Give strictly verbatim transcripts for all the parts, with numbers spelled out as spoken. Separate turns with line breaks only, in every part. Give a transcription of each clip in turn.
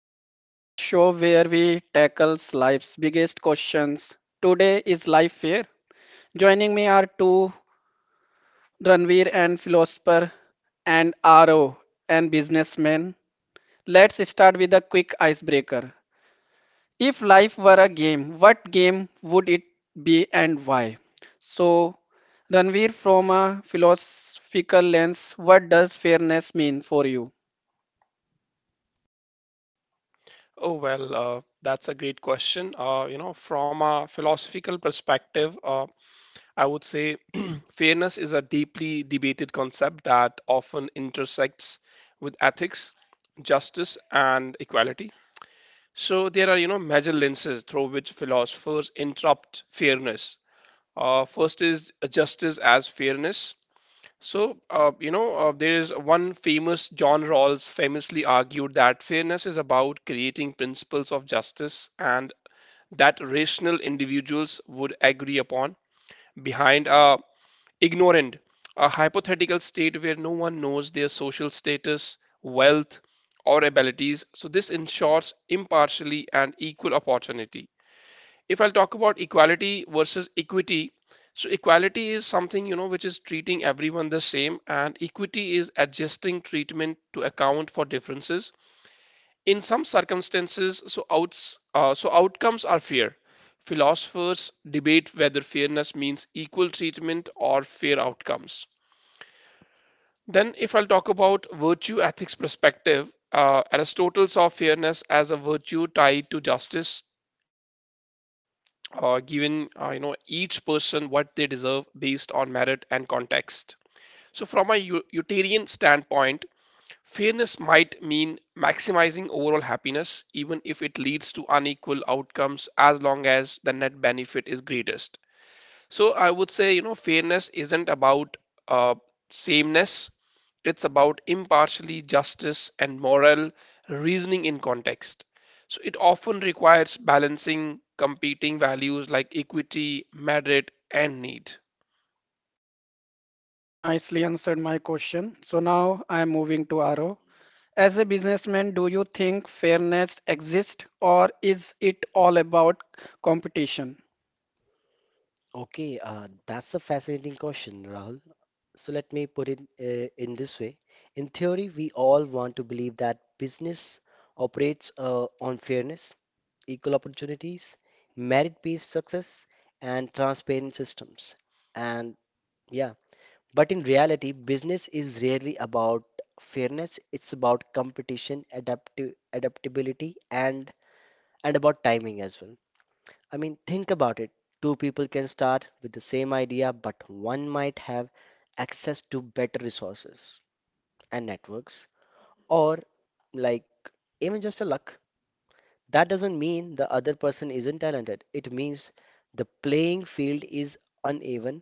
and Fall, the show where we tackles life's biggest questions. Today is life fair. Joining me are two Ranveer and philosopher and RO and businessman. Let's start with a quick icebreaker. If life were a game, what game would it be and why? So, Ranveer, from a philosophical lens, what does fairness mean for you?
Oh, well, uh, that's a great question. Uh, you know, from a philosophical perspective, uh, I would say fairness is a deeply debated concept that often intersects with ethics, justice, and equality. So there are, you know, major lenses through which philosophers interpret fairness. Uh, first is justice as fairness. So, uh, you know, uh, there is one famous, John Rawls famously argued that fairness is about creating principles of justice and that rational individuals would agree upon behind a ignorant, a hypothetical state where no one knows their social status, wealth, or abilities. So, this ensures impartially and equal opportunity if I'll talk about equality versus equity, so equality is something, you know, which is treating everyone the same, and equity is adjusting treatment to account for differences. In some circumstances, so outs, uh, so outcomes are fair. Philosophers debate whether fairness means equal treatment or fair outcomes. Then, if I'll talk about virtue ethics perspective, uh, Aristotle saw fairness as a virtue tied to justice uh, giving uh, you know each person what they deserve based on merit and context. So, from a u- utilitarian standpoint, fairness might mean maximizing overall happiness, even if it leads to unequal outcomes, as long as the net benefit is greatest. So, I would say you know fairness isn't about uh, sameness it's about impartially justice and moral reasoning in context. So it often requires balancing competing values like equity, merit, and need.
Nicely answered my question. So now I am moving to Aro. As a businessman, do you think fairness exists or is it all about competition?
Okay, uh, that's a fascinating question, Rahul. So let me put it uh, in this way. In theory, we all want to believe that business operates uh, on fairness, equal opportunities, merit-based success, and transparent systems. And yeah, but in reality, business is rarely about fairness. It's about competition, adaptive adaptability, and and about timing as well. I mean, think about it. Two people can start with the same idea, but one might have access to better resources and networks, or like even just a luck. That doesn't mean the other person isn't talented. It means the playing field is uneven,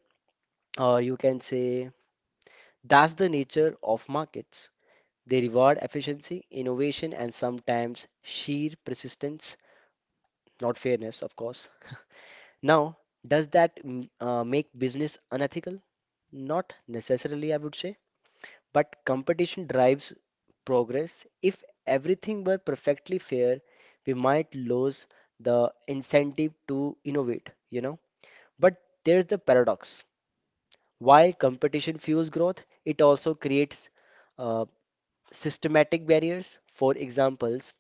or you can say that's the nature of markets. They reward efficiency, innovation, and sometimes sheer persistence, not fairness, of course. Now, does that mm, uh, make business unethical? Not necessarily, I would say, but competition drives progress. If everything were perfectly fair, we might lose the incentive to innovate, you know. But there's the paradox. While competition fuels growth, it also creates uh, systematic barriers. For examples,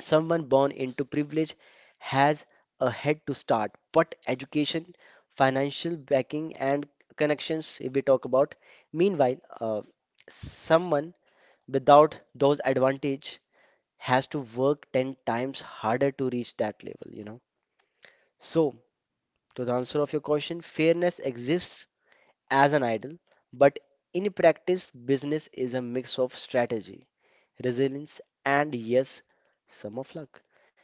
someone born into privilege has a head to start, but education, financial backing, and connections, if we talk about, meanwhile, uh, someone without those advantage has to work ten times harder to reach that level, you know. So, to the answer of your question, fairness exists as an ideal, but in practice, business is a mix of strategy, resilience, and yes, some of luck.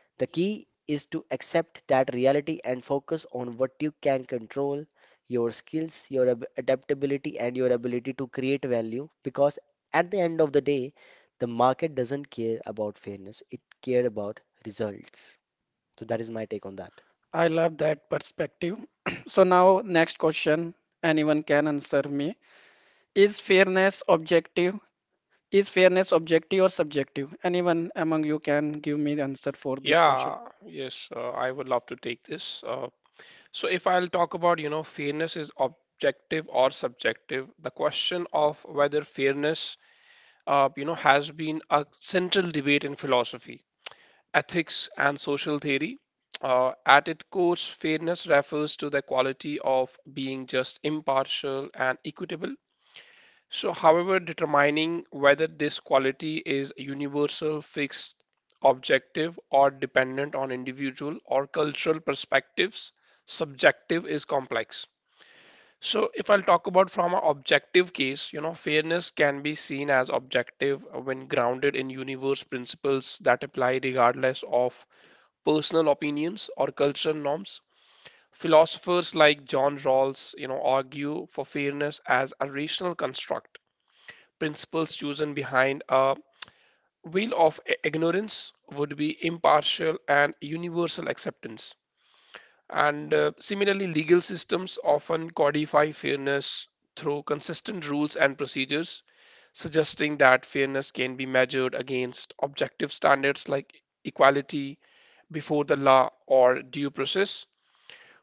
The key is to accept that reality and focus on what you can control, your skills, your ab- adaptability, and your ability to create value. Because at the end of the day, the market doesn't care about fairness, it cares about results. So, that is my take on that.
I love that perspective. So now next question, anyone can answer me. Is fairness objective? Is fairness objective or subjective? Anyone among you can give me the answer for this question.
Yeah, yes, uh, I would love to take this. Uh, so if I'll talk about, you know, fairness is objective or subjective, the question of whether fairness, uh, you know, has been a central debate in philosophy. Ethics and social theory. Uh, at its core, fairness refers to the quality of being just, impartial, and equitable. So, however, determining whether this quality is universal, fixed, objective, or dependent on individual or cultural perspectives, subjective, is complex. So, if I'll talk about from an objective case, you know, fairness can be seen as objective when grounded in universe principles that apply regardless of personal opinions or cultural norms. Philosophers like John Rawls, you know, argue for fairness as a rational construct. Principles chosen behind a veil of i- ignorance would be impartial and universal acceptance. And uh, similarly, legal systems often codify fairness through consistent rules and procedures, suggesting that fairness can be measured against objective standards like equality before the law or due process.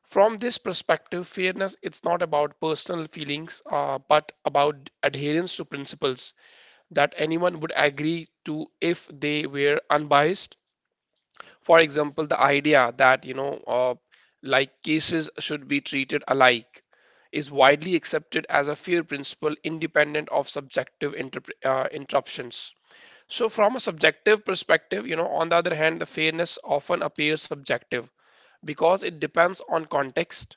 From this perspective, fairness it's not about personal feelings, uh, but about adherence to principles that anyone would agree to if they were unbiased. For example, the idea that you know, uh, like cases should be treated alike, is widely accepted as a fair principle, independent of subjective interp- uh, interruptions. So, from a subjective perspective, you know, on the other hand, the fairness often appears subjective because it depends on context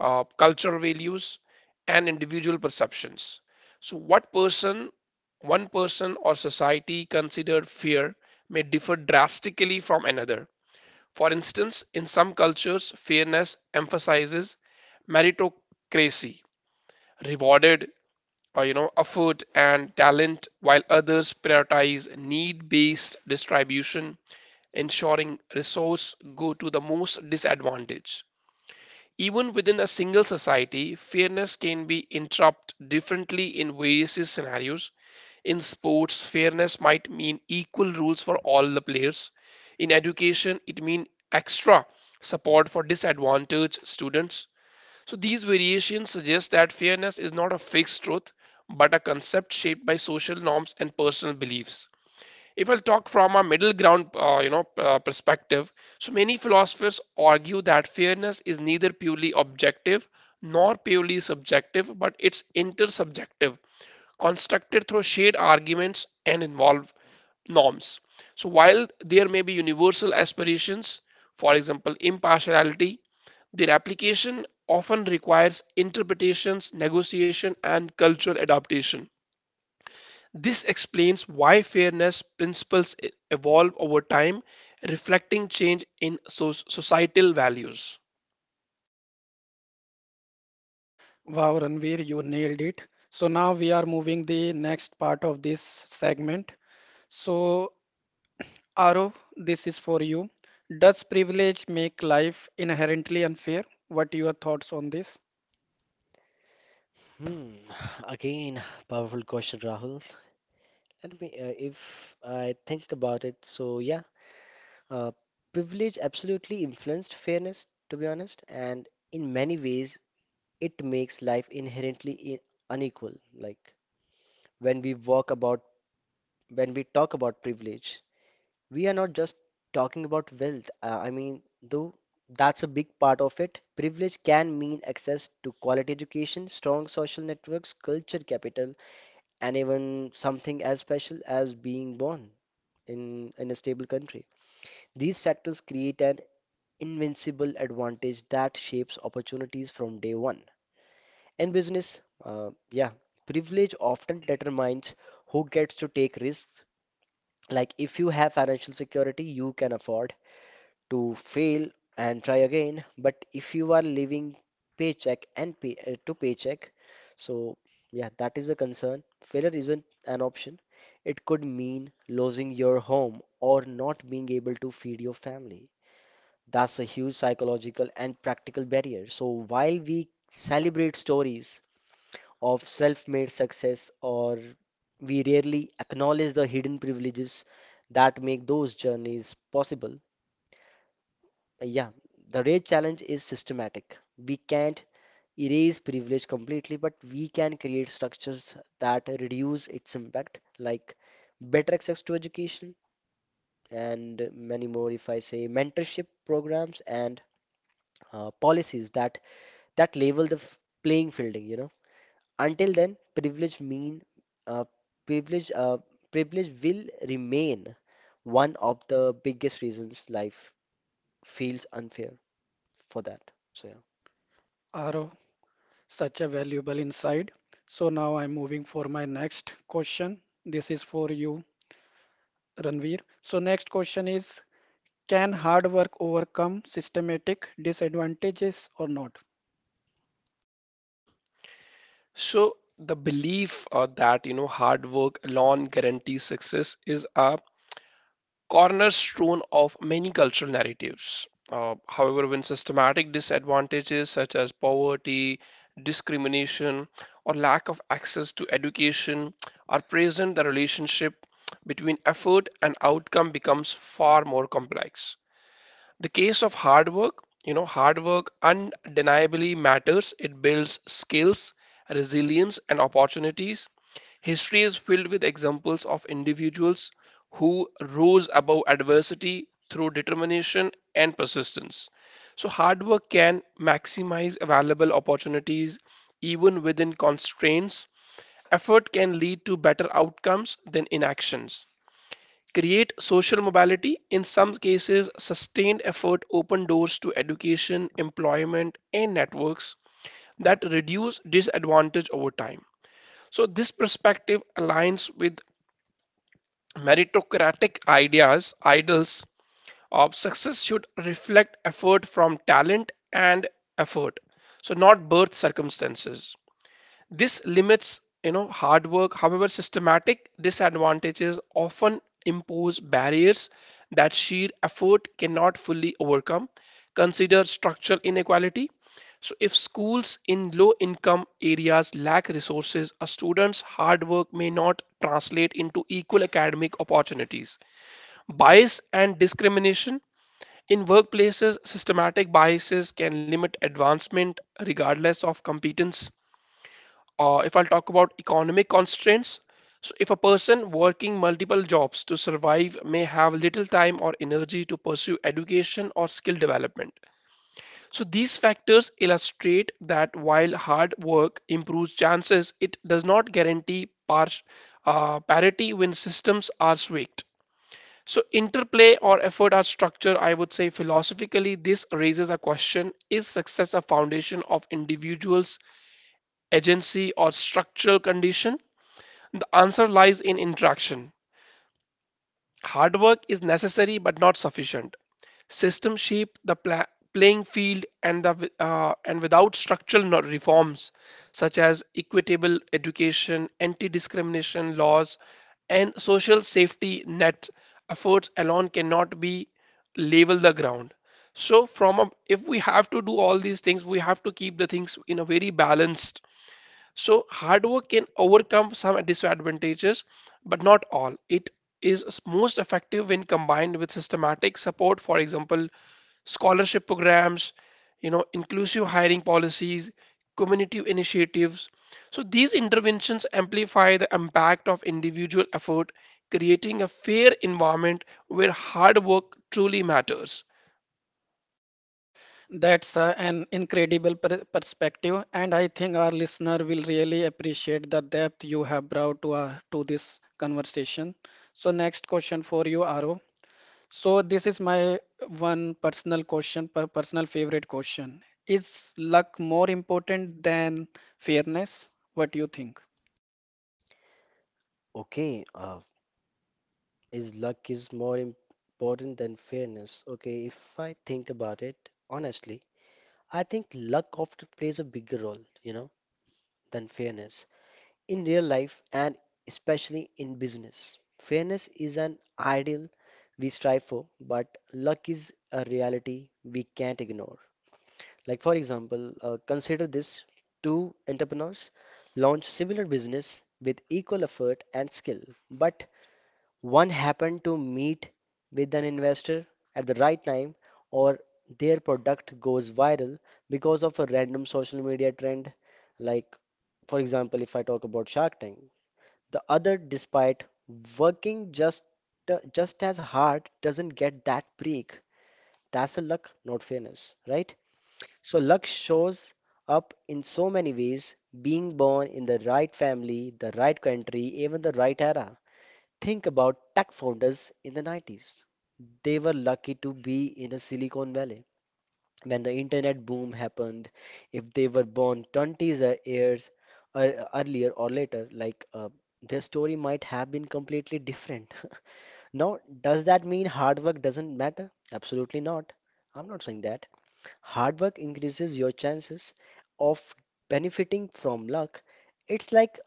uh, cultural values, and individual perceptions. So, what person, one person, or society considered fear may differ drastically from another. For instance, in some cultures, fairness emphasizes meritocracy, rewarded or you know effort and talent, while others prioritize need-based distribution, ensuring resources go to the most disadvantaged. Even within a single society, fairness can be interpreted differently in various scenarios. In sports, fairness might mean equal rules for all the players. In education, it means extra support for disadvantaged students. So these variations suggest that fairness is not a fixed truth, but a concept shaped by social norms and personal beliefs. If I'll talk from a middle ground, uh, you know, uh, perspective, so many philosophers argue that fairness is neither purely objective nor purely subjective, but it's intersubjective, constructed through shared arguments and involve norms. So while there may be universal aspirations, for example, impartiality, their application often requires interpretations, negotiation, and cultural adaptation. This explains why fairness principles e- evolve over time, reflecting change in so- societal values.
Wow, Ranveer, you nailed it. So now we are moving the next part of this segment. So Arav, this is for you. Does privilege make life inherently unfair? What are your thoughts on this?
Hmm. Again, powerful question, Rahul. Let me, uh, if I think about it, so yeah, uh, privilege absolutely influenced fairness, to be honest, and in many ways, it makes life inherently i- unequal. Like when we walk about, when we talk about privilege, we are not just talking about wealth. Uh, I mean, though that's a big part of it. Privilege can mean access to quality education, strong social networks, culture capital, and even something as special as being born in, in a stable country. These factors create an invincible advantage that shapes opportunities from day one. In business, uh, yeah, privilege often determines who gets to take risks. Like if you have financial security, you can afford to fail and try again. But if you are living paycheck and pay, uh, to paycheck, so yeah, that is a concern. Failure isn't an option. It could mean losing your home or not being able to feed your family. That's a huge psychological and practical barrier. So while we celebrate stories of self-made success, or we rarely acknowledge the hidden privileges that make those journeys possible. Uh, Yeah, the real challenge is systematic. We can't erase privilege completely, but we can create structures that reduce its impact, like better access to education and many more, if I say, mentorship programs and uh, policies that that level the f- playing fielding, you know. Until then, privilege mean uh, privilege uh, privilege will remain one of the biggest reasons life feels unfair for that. So yeah.
Arav, such a valuable insight. So now I'm moving for my next question. This is for you, Ranveer. So next question is, can hard work overcome systematic disadvantages or not?
So the belief uh, that you know hard work alone guarantees success is a cornerstone of many cultural narratives. Uh, however, when systematic disadvantages such as poverty, discrimination, or lack of access to education are present, the relationship between effort and outcome becomes far more complex. The case of hard work, you know, hard work undeniably matters. It builds skills, resilience, and opportunities. History is filled with examples of individuals who rose above adversity through determination and persistence. So, hard work can maximize available opportunities even within constraints. Effort can lead to better outcomes than inactions create social mobility, in some cases, sustained effort open doors to education, employment, and networks that reduce disadvantage over time. So, this perspective aligns with meritocratic ideas, ideals of success should reflect effort from talent and effort, so not birth circumstances. This limits, you know, hard work. However, systematic disadvantages often impose barriers that sheer effort cannot fully overcome. Consider structural inequality. So, if schools in low income areas lack resources, a student's hard work may not translate into equal academic opportunities. Bias and discrimination. In workplaces, systematic biases can limit advancement regardless of competence uh, if I'll talk about economic constraints, so if a person working multiple jobs to survive may have little time or energy to pursue education or skill development. So these factors illustrate that while hard work improves chances, it does not guarantee par- uh, parity when systems are swaked. So interplay or effort or structure, I would say philosophically, this raises a question, is success a foundation of individuals' agency or structural condition? The answer lies in interaction. Hard work is necessary but not sufficient. System shape the pla- playing field and the uh, and without structural no- reforms such as equitable education, anti-discrimination laws, and social safety net, efforts alone cannot be level the ground. So, from a, if we have to do all these things, we have to keep the things in a very balanced so hard work can overcome some disadvantages, but not all. It is most effective when combined with systematic support, for example, scholarship programs, you know, inclusive hiring policies, community initiatives. So these interventions amplify the impact of individual effort, creating a fair environment where hard work truly matters.
That's uh, an incredible per perspective, and I think our listener will really appreciate the depth you have brought to our, to this conversation. So, next question for you, Aro. So, this is my one personal question, per personal favorite question. Is luck more important than fairness? What do you think?
Okay, uh, is luck is more important than fairness? Okay, if I think about it honestly, I think luck often plays a bigger role, you know, than fairness. In real life and especially in business, fairness is an ideal we strive for, but luck is a reality we can't ignore. Like, for example, uh, consider this, two entrepreneurs launch similar business with equal effort and skill, but one happened to meet with an investor at the right time, or their product goes viral because of a random social media trend like, for example, if I talk about Shark Tank, the other, despite working just just as hard, doesn't get that break. That's a luck, not fairness, right? So luck shows up in so many ways, being born in the right family, the right country, even the right era. Think about tech founders in the nineties. They were lucky to be in a Silicon Valley when the internet boom happened. If they were born twenty years ear- earlier or later, like uh, their story might have been completely different. Now, does that mean hard work doesn't matter? Absolutely not. I'm not saying that. Hard work increases your chances of benefiting from luck. It's like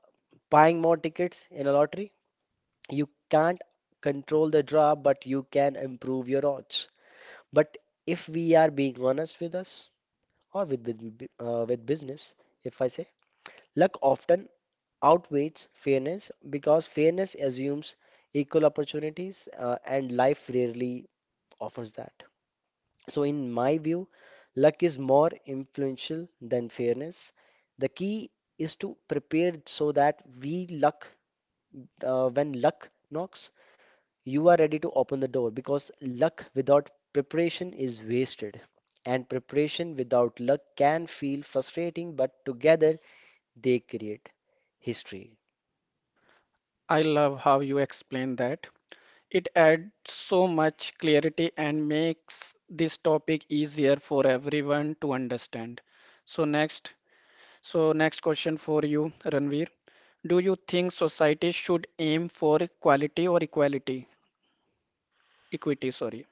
buying more tickets in a lottery. You can't control the draw, but you can improve your odds. But if we are being honest with us, or with with, uh, with business, if I say luck often outweighs fairness because fairness assumes equal opportunities uh, and life rarely offers that. So in my view, luck is more influential than fairness. The key is to prepare so that we luck uh, when luck knocks, you are ready to open the door because luck without preparation is wasted and preparation without luck can feel frustrating, but together they create history.
I love how you explain that. It adds so much clarity and makes this topic easier for everyone to understand. So next, so next question for you, Ranveer. Do you think society should aim for equality or equality, equity, sorry?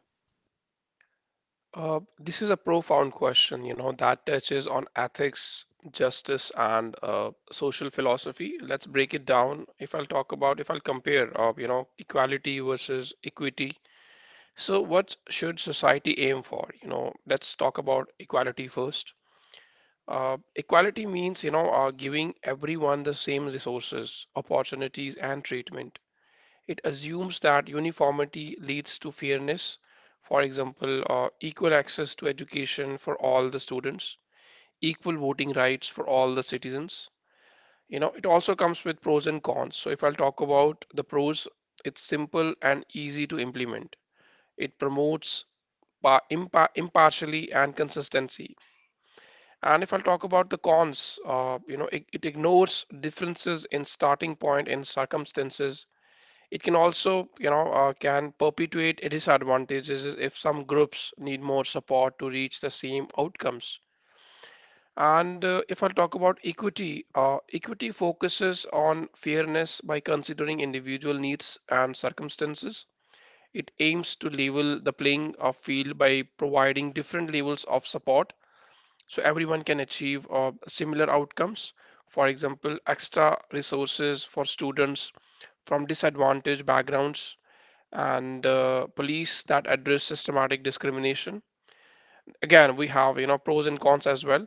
Uh, this is a profound question, you know, that touches on ethics, justice, and uh, social philosophy. Let's break it down. If I'll talk about, if I'll compare, uh, you know, equality versus equity. So, what should society aim for? You know, let's talk about equality first. Uh, equality means, you know, uh, giving everyone the same resources, opportunities, and treatment. It assumes that uniformity leads to fairness, for example, uh, equal access to education for all the students, equal voting rights for all the citizens. You know, it also comes with pros and cons. So, if I'll talk about the pros, it's simple and easy to implement. It promotes pa- impartially and consistency. And if I'll talk about the cons, uh, you know, it, it ignores differences in starting point and circumstances it can also, you know, uh, can perpetuate disadvantages if some groups need more support to reach the same outcomes. And uh, if I talk about equity, uh, equity focuses on fairness by considering individual needs and circumstances. It aims to level the playing of field by providing different levels of support so everyone can achieve uh, similar outcomes. For example, extra resources for students from disadvantaged backgrounds and uh, police that address systematic discrimination. Again, we have you know pros and cons as well.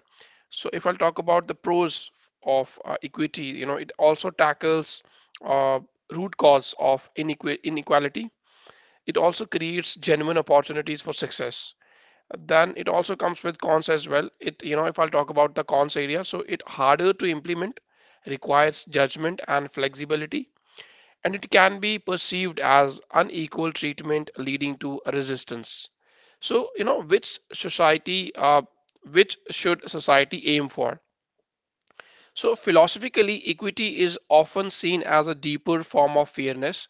So if I'll talk about the pros of uh, equity, you know it also tackles uh, root cause of inequ- inequality. It also creates genuine opportunities for success. Then it also comes with cons as well. It you know if I'll talk about the cons area, so it harder to implement, requires judgment and flexibility and it can be perceived as unequal treatment leading to resistance. So, you know, which society, uh, which should society aim for? So, philosophically, equity is often seen as a deeper form of fairness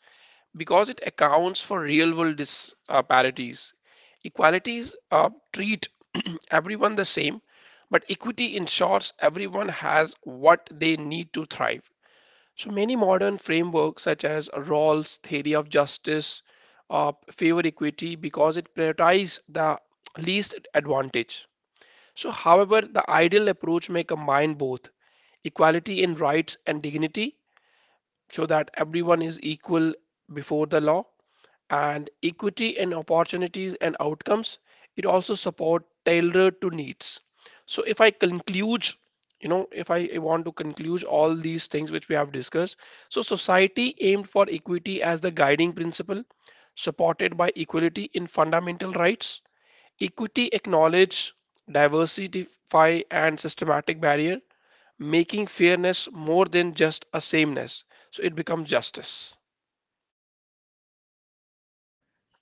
because it accounts for real world disparities. Equalities uh, treat everyone the same, but equity ensures everyone has what they need to thrive. So many modern frameworks, such as Rawls' theory of justice, uh, favor equity because it prioritizes the least advantage. So, however, the ideal approach may combine both equality in rights and dignity so that everyone is equal before the law and equity and opportunities and outcomes it also support tailored to needs so if I conclude you know if I want to conclude all these things which we have discussed so society aimed for equity as the guiding principle supported by equality in fundamental rights equity acknowledge diversify and systematic barrier making fairness more than just a sameness so it becomes justice.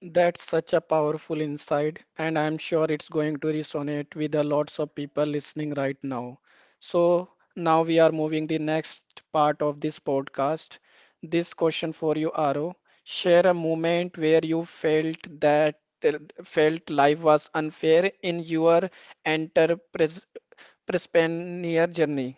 That's such a powerful insight, and I'm sure it's going to resonate with a lots of people listening right now. So now we are moving the next part of this podcast. This question for you, Aro. Share a moment where you felt that felt life was unfair in your entrepreneurial journey.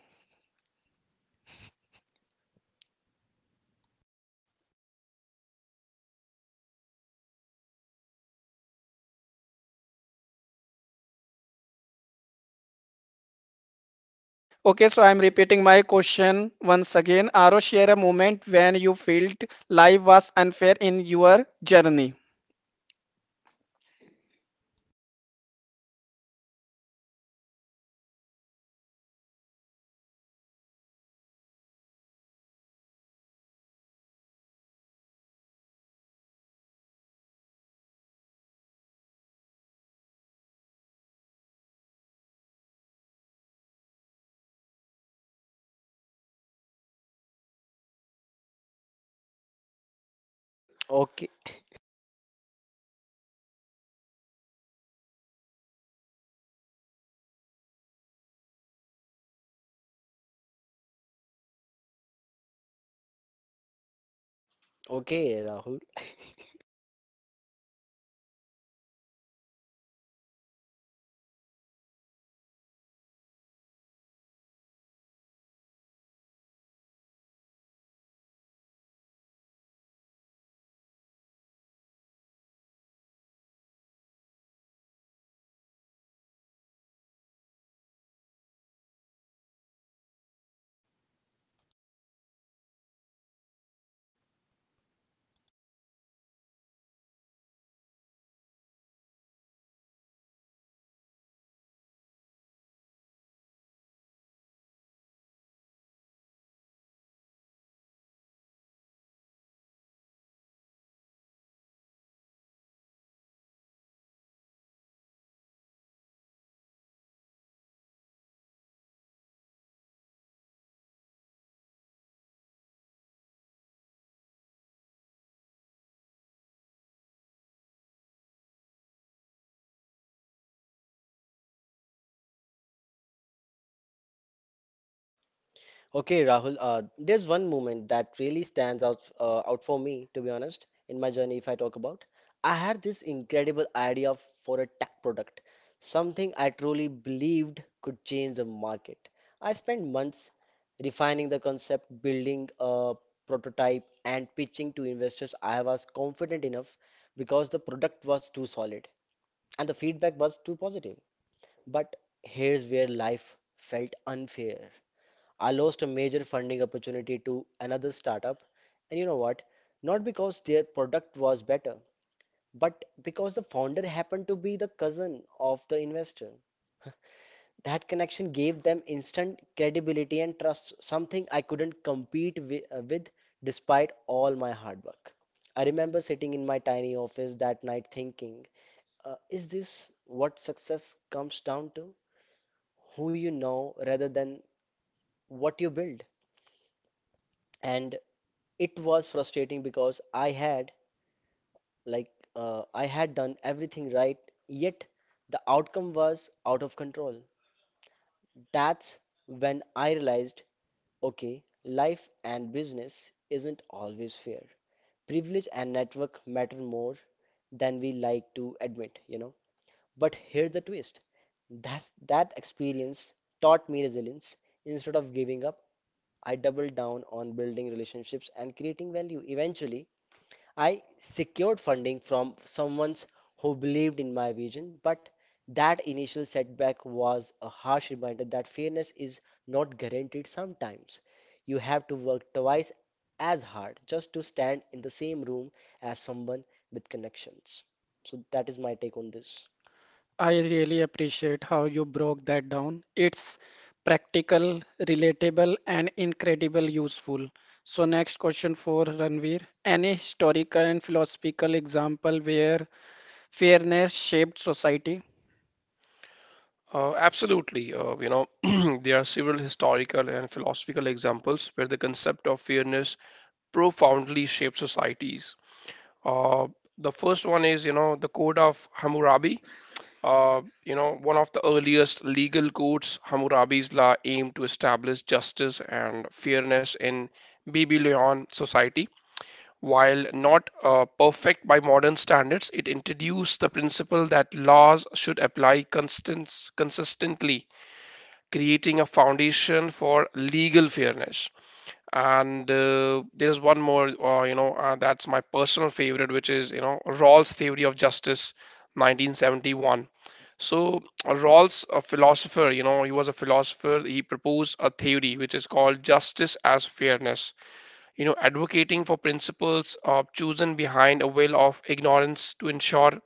Okay, so I'm repeating my question once again. Aro, share a moment when you felt life was unfair in your journey.
Okay, okay, Rahul. Okay, Rahul. Uh, there's one moment that really stands out uh, out for me, to be honest, in my journey. If I talk about, I had this incredible idea f- for a tech product, something I truly believed could change the market. I spent months refining the concept, building a prototype, and pitching to investors. I was confident enough because the product was too solid and the feedback was too positive. But here's where life felt unfair. I lost a major funding opportunity to another startup, and you know what? Not because their product was better, but because the founder happened to be the cousin of the investor. That connection gave them instant credibility and trust, something I couldn't compete wi- uh, with despite all my hard work. I remember sitting in my tiny office that night thinking, uh, is this what success comes down to? Who you know rather than what you build. And it was frustrating because I had like uh, I had done everything right, yet the outcome was out of control. That's when I realized, okay, life and business isn't always fair. Privilege and network matter more than we like to admit, you know. But here's the twist. That's that experience taught me resilience. Instead of giving up, I doubled down on building relationships and creating value. Eventually, I secured funding from someone who believed in my vision, but that initial setback was a harsh reminder that fairness is not guaranteed sometimes. You have to work twice as hard just to stand in the same room as someone with connections. So, that is my take on this.
I really appreciate how you broke that down. It's practical, relatable, and incredible useful. So next question for Ranveer. Any historical and philosophical example where fairness shaped society?
Uh, absolutely. Uh, you know, there are several historical and philosophical examples where the concept of fairness profoundly shaped societies. Uh, the first one is, you know, the Code of Hammurabi. Uh, you know, one of the earliest legal codes, Hammurabi's law aimed to establish justice and fairness in Babylonian society. While not uh, perfect by modern standards, it introduced the principle that laws should apply constant, consistently creating a foundation for legal fairness. And uh, There's one more, uh, you know, uh, that's my personal favorite, which is, you know, Rawls' Theory of Justice, nineteen seventy-one. So uh, Rawls, a philosopher, you know, he was a philosopher. He proposed a theory which is called justice as fairness, You know, advocating for principles of chosen behind a veil of ignorance to ensure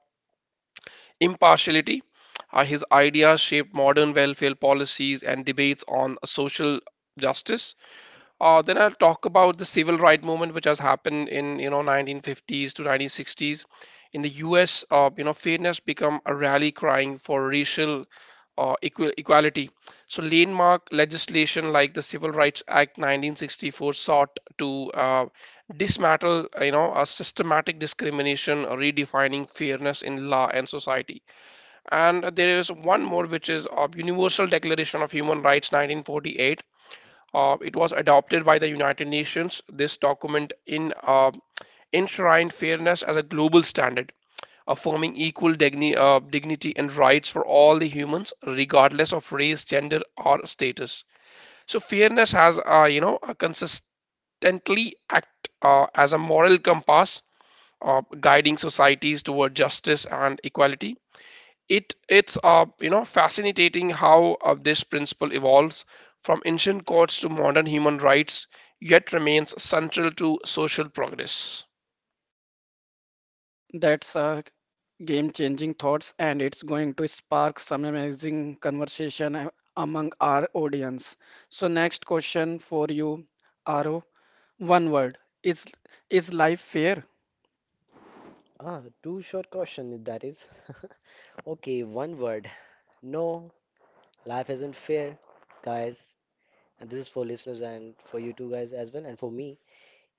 impartiality. Uh, his ideas shaped modern welfare policies and debates on social justice. Uh, then I'll talk about the civil right movement, which has happened in you know nineteen fifties to nineteen sixties. In the U S, uh, you know, fairness become a rally crying for racial uh, equal, equality. So, landmark legislation like the Civil Rights Act nineteen sixty-four sought to uh, dismantle, you know, a systematic discrimination, redefining fairness in law and society. And there is one more, which is uh, Universal Declaration of Human Rights, nineteen forty-eight. Uh, it was adopted by the United Nations. This document in uh, enshrined fairness as a global standard, affirming equal digni- uh, dignity and rights for all the humans, regardless of race, gender, or status. So fairness has, uh, you know, a consistently act uh, as a moral compass, uh, guiding societies toward justice and equality. It it's uh, you know fascinating how uh, this principle evolves from ancient courts to modern human rights, yet remains central to social progress.
That's a game-changing thoughts, and it's going to spark some amazing conversation a- among our audience. So next question for you, Aro. One word. Is is life fair?
Ah, two short question that is. Okay, one word. No. Life isn't fair, guys. And this is for listeners and for you two guys as well, and for me.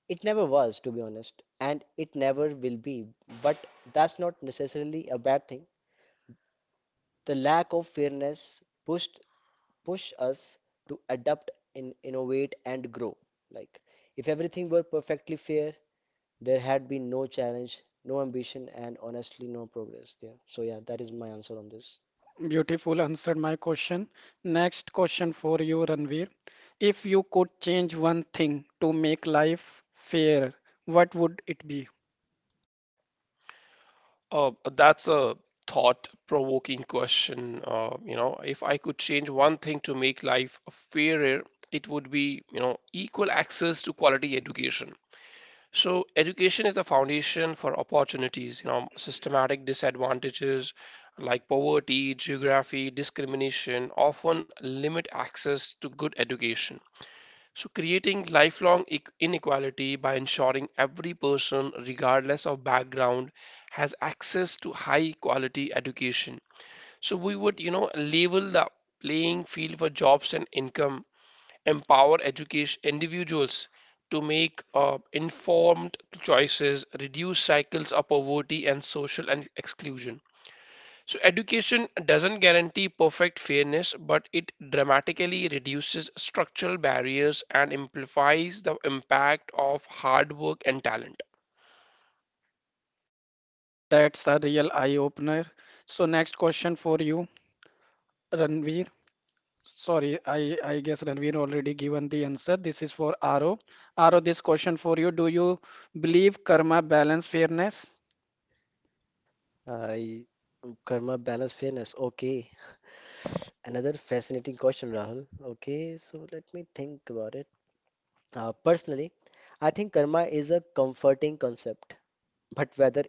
It never was, to be honest, and it never will be. But that's not necessarily a bad thing. The lack of fairness pushed push us to adapt, in, innovate, and grow. Like if everything were perfectly fair, there had been no challenge, no ambition, and honestly, no progress there. So yeah, that is my answer on this.
Beautiful answered my question. Next question for you, Ranveer. If you could change one thing to make life fair, what would it be?
Uh, that's a thought-provoking question. Uh, you know, if I could change one thing to make life fairer, it would be, you know, equal access to quality education. So education is the foundation for opportunities. You know, systematic disadvantages like poverty, geography, discrimination often limit access to good education. So creating lifelong e- inequality by ensuring every person, regardless of background, has access to high quality education. So we would, you know, level the playing field for jobs and income, empower education individuals to make uh, informed choices, reduce cycles of poverty and social and exclusion. So education doesn't guarantee perfect fairness, but it dramatically reduces structural barriers and amplifies the impact of hard work and talent.
That's a real eye-opener. So next question for you, Ranveer. Sorry, I, I guess Ranveer already given the answer. This is for Aro. Aro, this question for you. Do you believe karma balance fairness?
I karma, balance, fairness. Okay. Another fascinating question, Rahul. Okay, so let me think about it. Uh, personally, I think karma is a comforting concept, but whether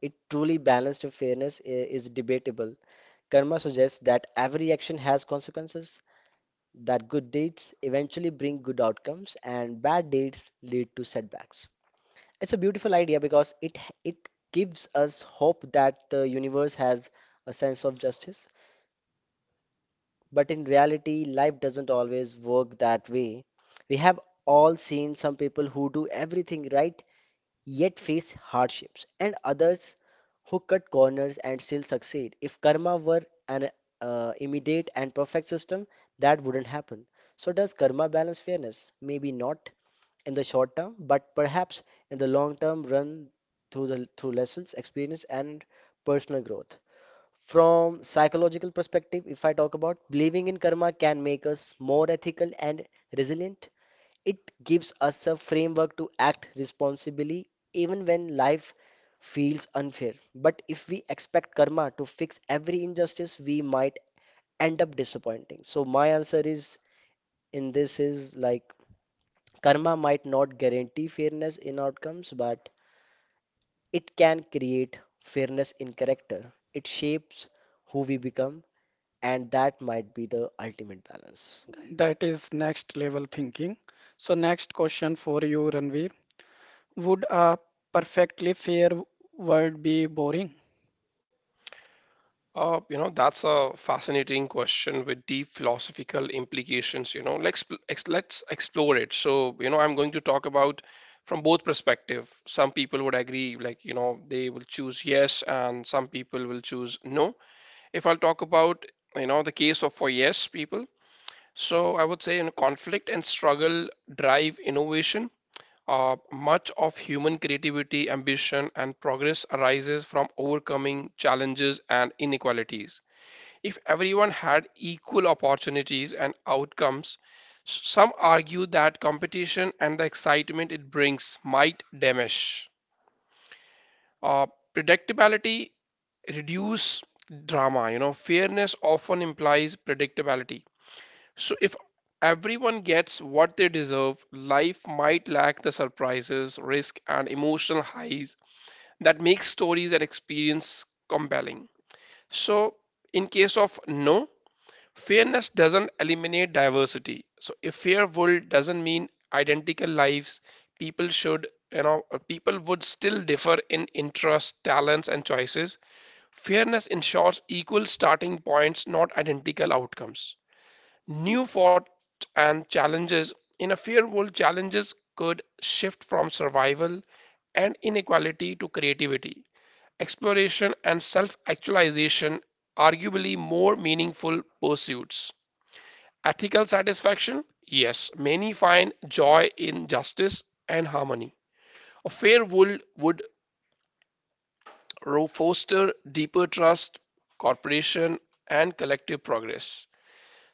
it truly balanced fairness i- is debatable. Karma suggests that every action has consequences, that good deeds eventually bring good outcomes, and bad deeds lead to setbacks. It's a beautiful idea because it it gives us hope that the universe has a sense of justice. But in reality, life doesn't always work that way. We have all seen some people who do everything right yet face hardships, and others who cut corners and still succeed. If karma were an uh, immediate and perfect system, that wouldn't happen. So, does karma balance fairness? Maybe not in the short term, but perhaps in the long term run through the through lessons, experience, and personal growth. From psychological perspective, if I talk about believing in karma can make us more ethical and resilient. It gives us a framework to act responsibly even when life feels unfair. But if we expect karma to fix every injustice, we might end up disappointing. So my answer is in this is like karma might not guarantee fairness in outcomes, but it can create fairness in character. It shapes who we become. And that might be the ultimate balance, guys.
That is next level thinking. So next question for you, Ranveer. Would a perfectly fair world be boring?
Uh, you know, that's a fascinating question with deep philosophical implications, you know. Let's ex- let's explore it. So, you know, I'm going to talk about from both perspective. Some people would agree, like, you know, they will choose yes, and some people will choose no. If I'll talk about, you know, the case of for yes people, so I would say, you know, conflict and struggle drive innovation. Uh, much of human creativity, ambition, and progress arises from overcoming challenges and inequalities. If everyone had equal opportunities and outcomes, s- some argue that competition and the excitement it brings might diminish. Uh, Predictability reduce drama. You know, fairness often implies predictability. So if everyone gets what they deserve, life might lack the surprises, risk, and emotional highs that make stories and experience compelling. So in case of no, fairness doesn't eliminate diversity. So a fair world doesn't mean identical lives. People should, you know, uh, people would still differ in interests, talents, and choices. Fairness ensures equal starting points, not identical outcomes. New thoughts and challenges. In a fair world, challenges could shift from survival and inequality to creativity, exploration, and self actualization, arguably more meaningful pursuits. Ethical satisfaction? Yes, many find joy in justice and harmony. A fair world would foster deeper trust, cooperation, and collective progress.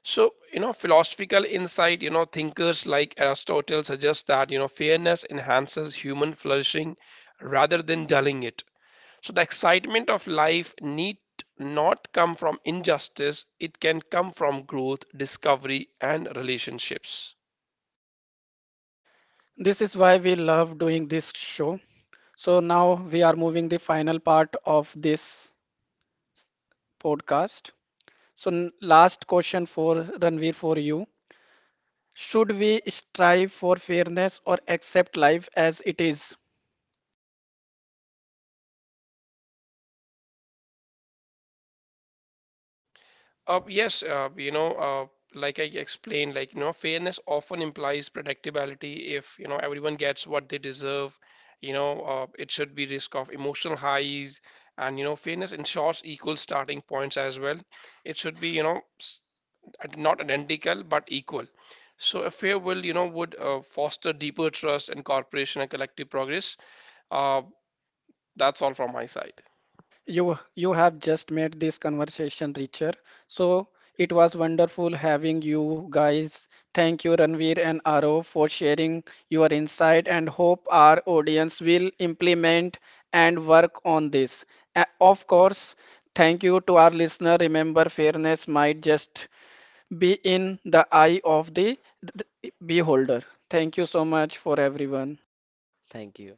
So, you know, philosophical insight, you know, thinkers like Aristotle suggest that, you know, fairness enhances human flourishing rather than dulling it. So, the excitement of life need not come from injustice, it can come from growth, discovery, and relationships.
This is why we love doing this show. So now we are moving the final part of this podcast. So n- last question for Ranveer for you. Should we strive for fairness or accept life as it is?
Uh, yes, uh, you know, uh, like I explained, like, you know, fairness often implies predictability. If, you know, everyone gets what they deserve, you know, uh, it should be risk of emotional highs. And, you know, fairness ensures equal starting points as well. It should be, you know, s- not identical, but equal. So a fair will, you know, would uh, foster deeper trust and cooperation and collective progress. Uh, that's all from my side.
You you have just made this conversation richer. So it was wonderful having you guys. Thank you, Ranveer and Arav, for sharing your insight and hope our audience will implement and work on this. A- Of course, thank you to our listener. Remember, fairness might just be in the eye of the the beholder. Thank you so much for everyone.
Thank you.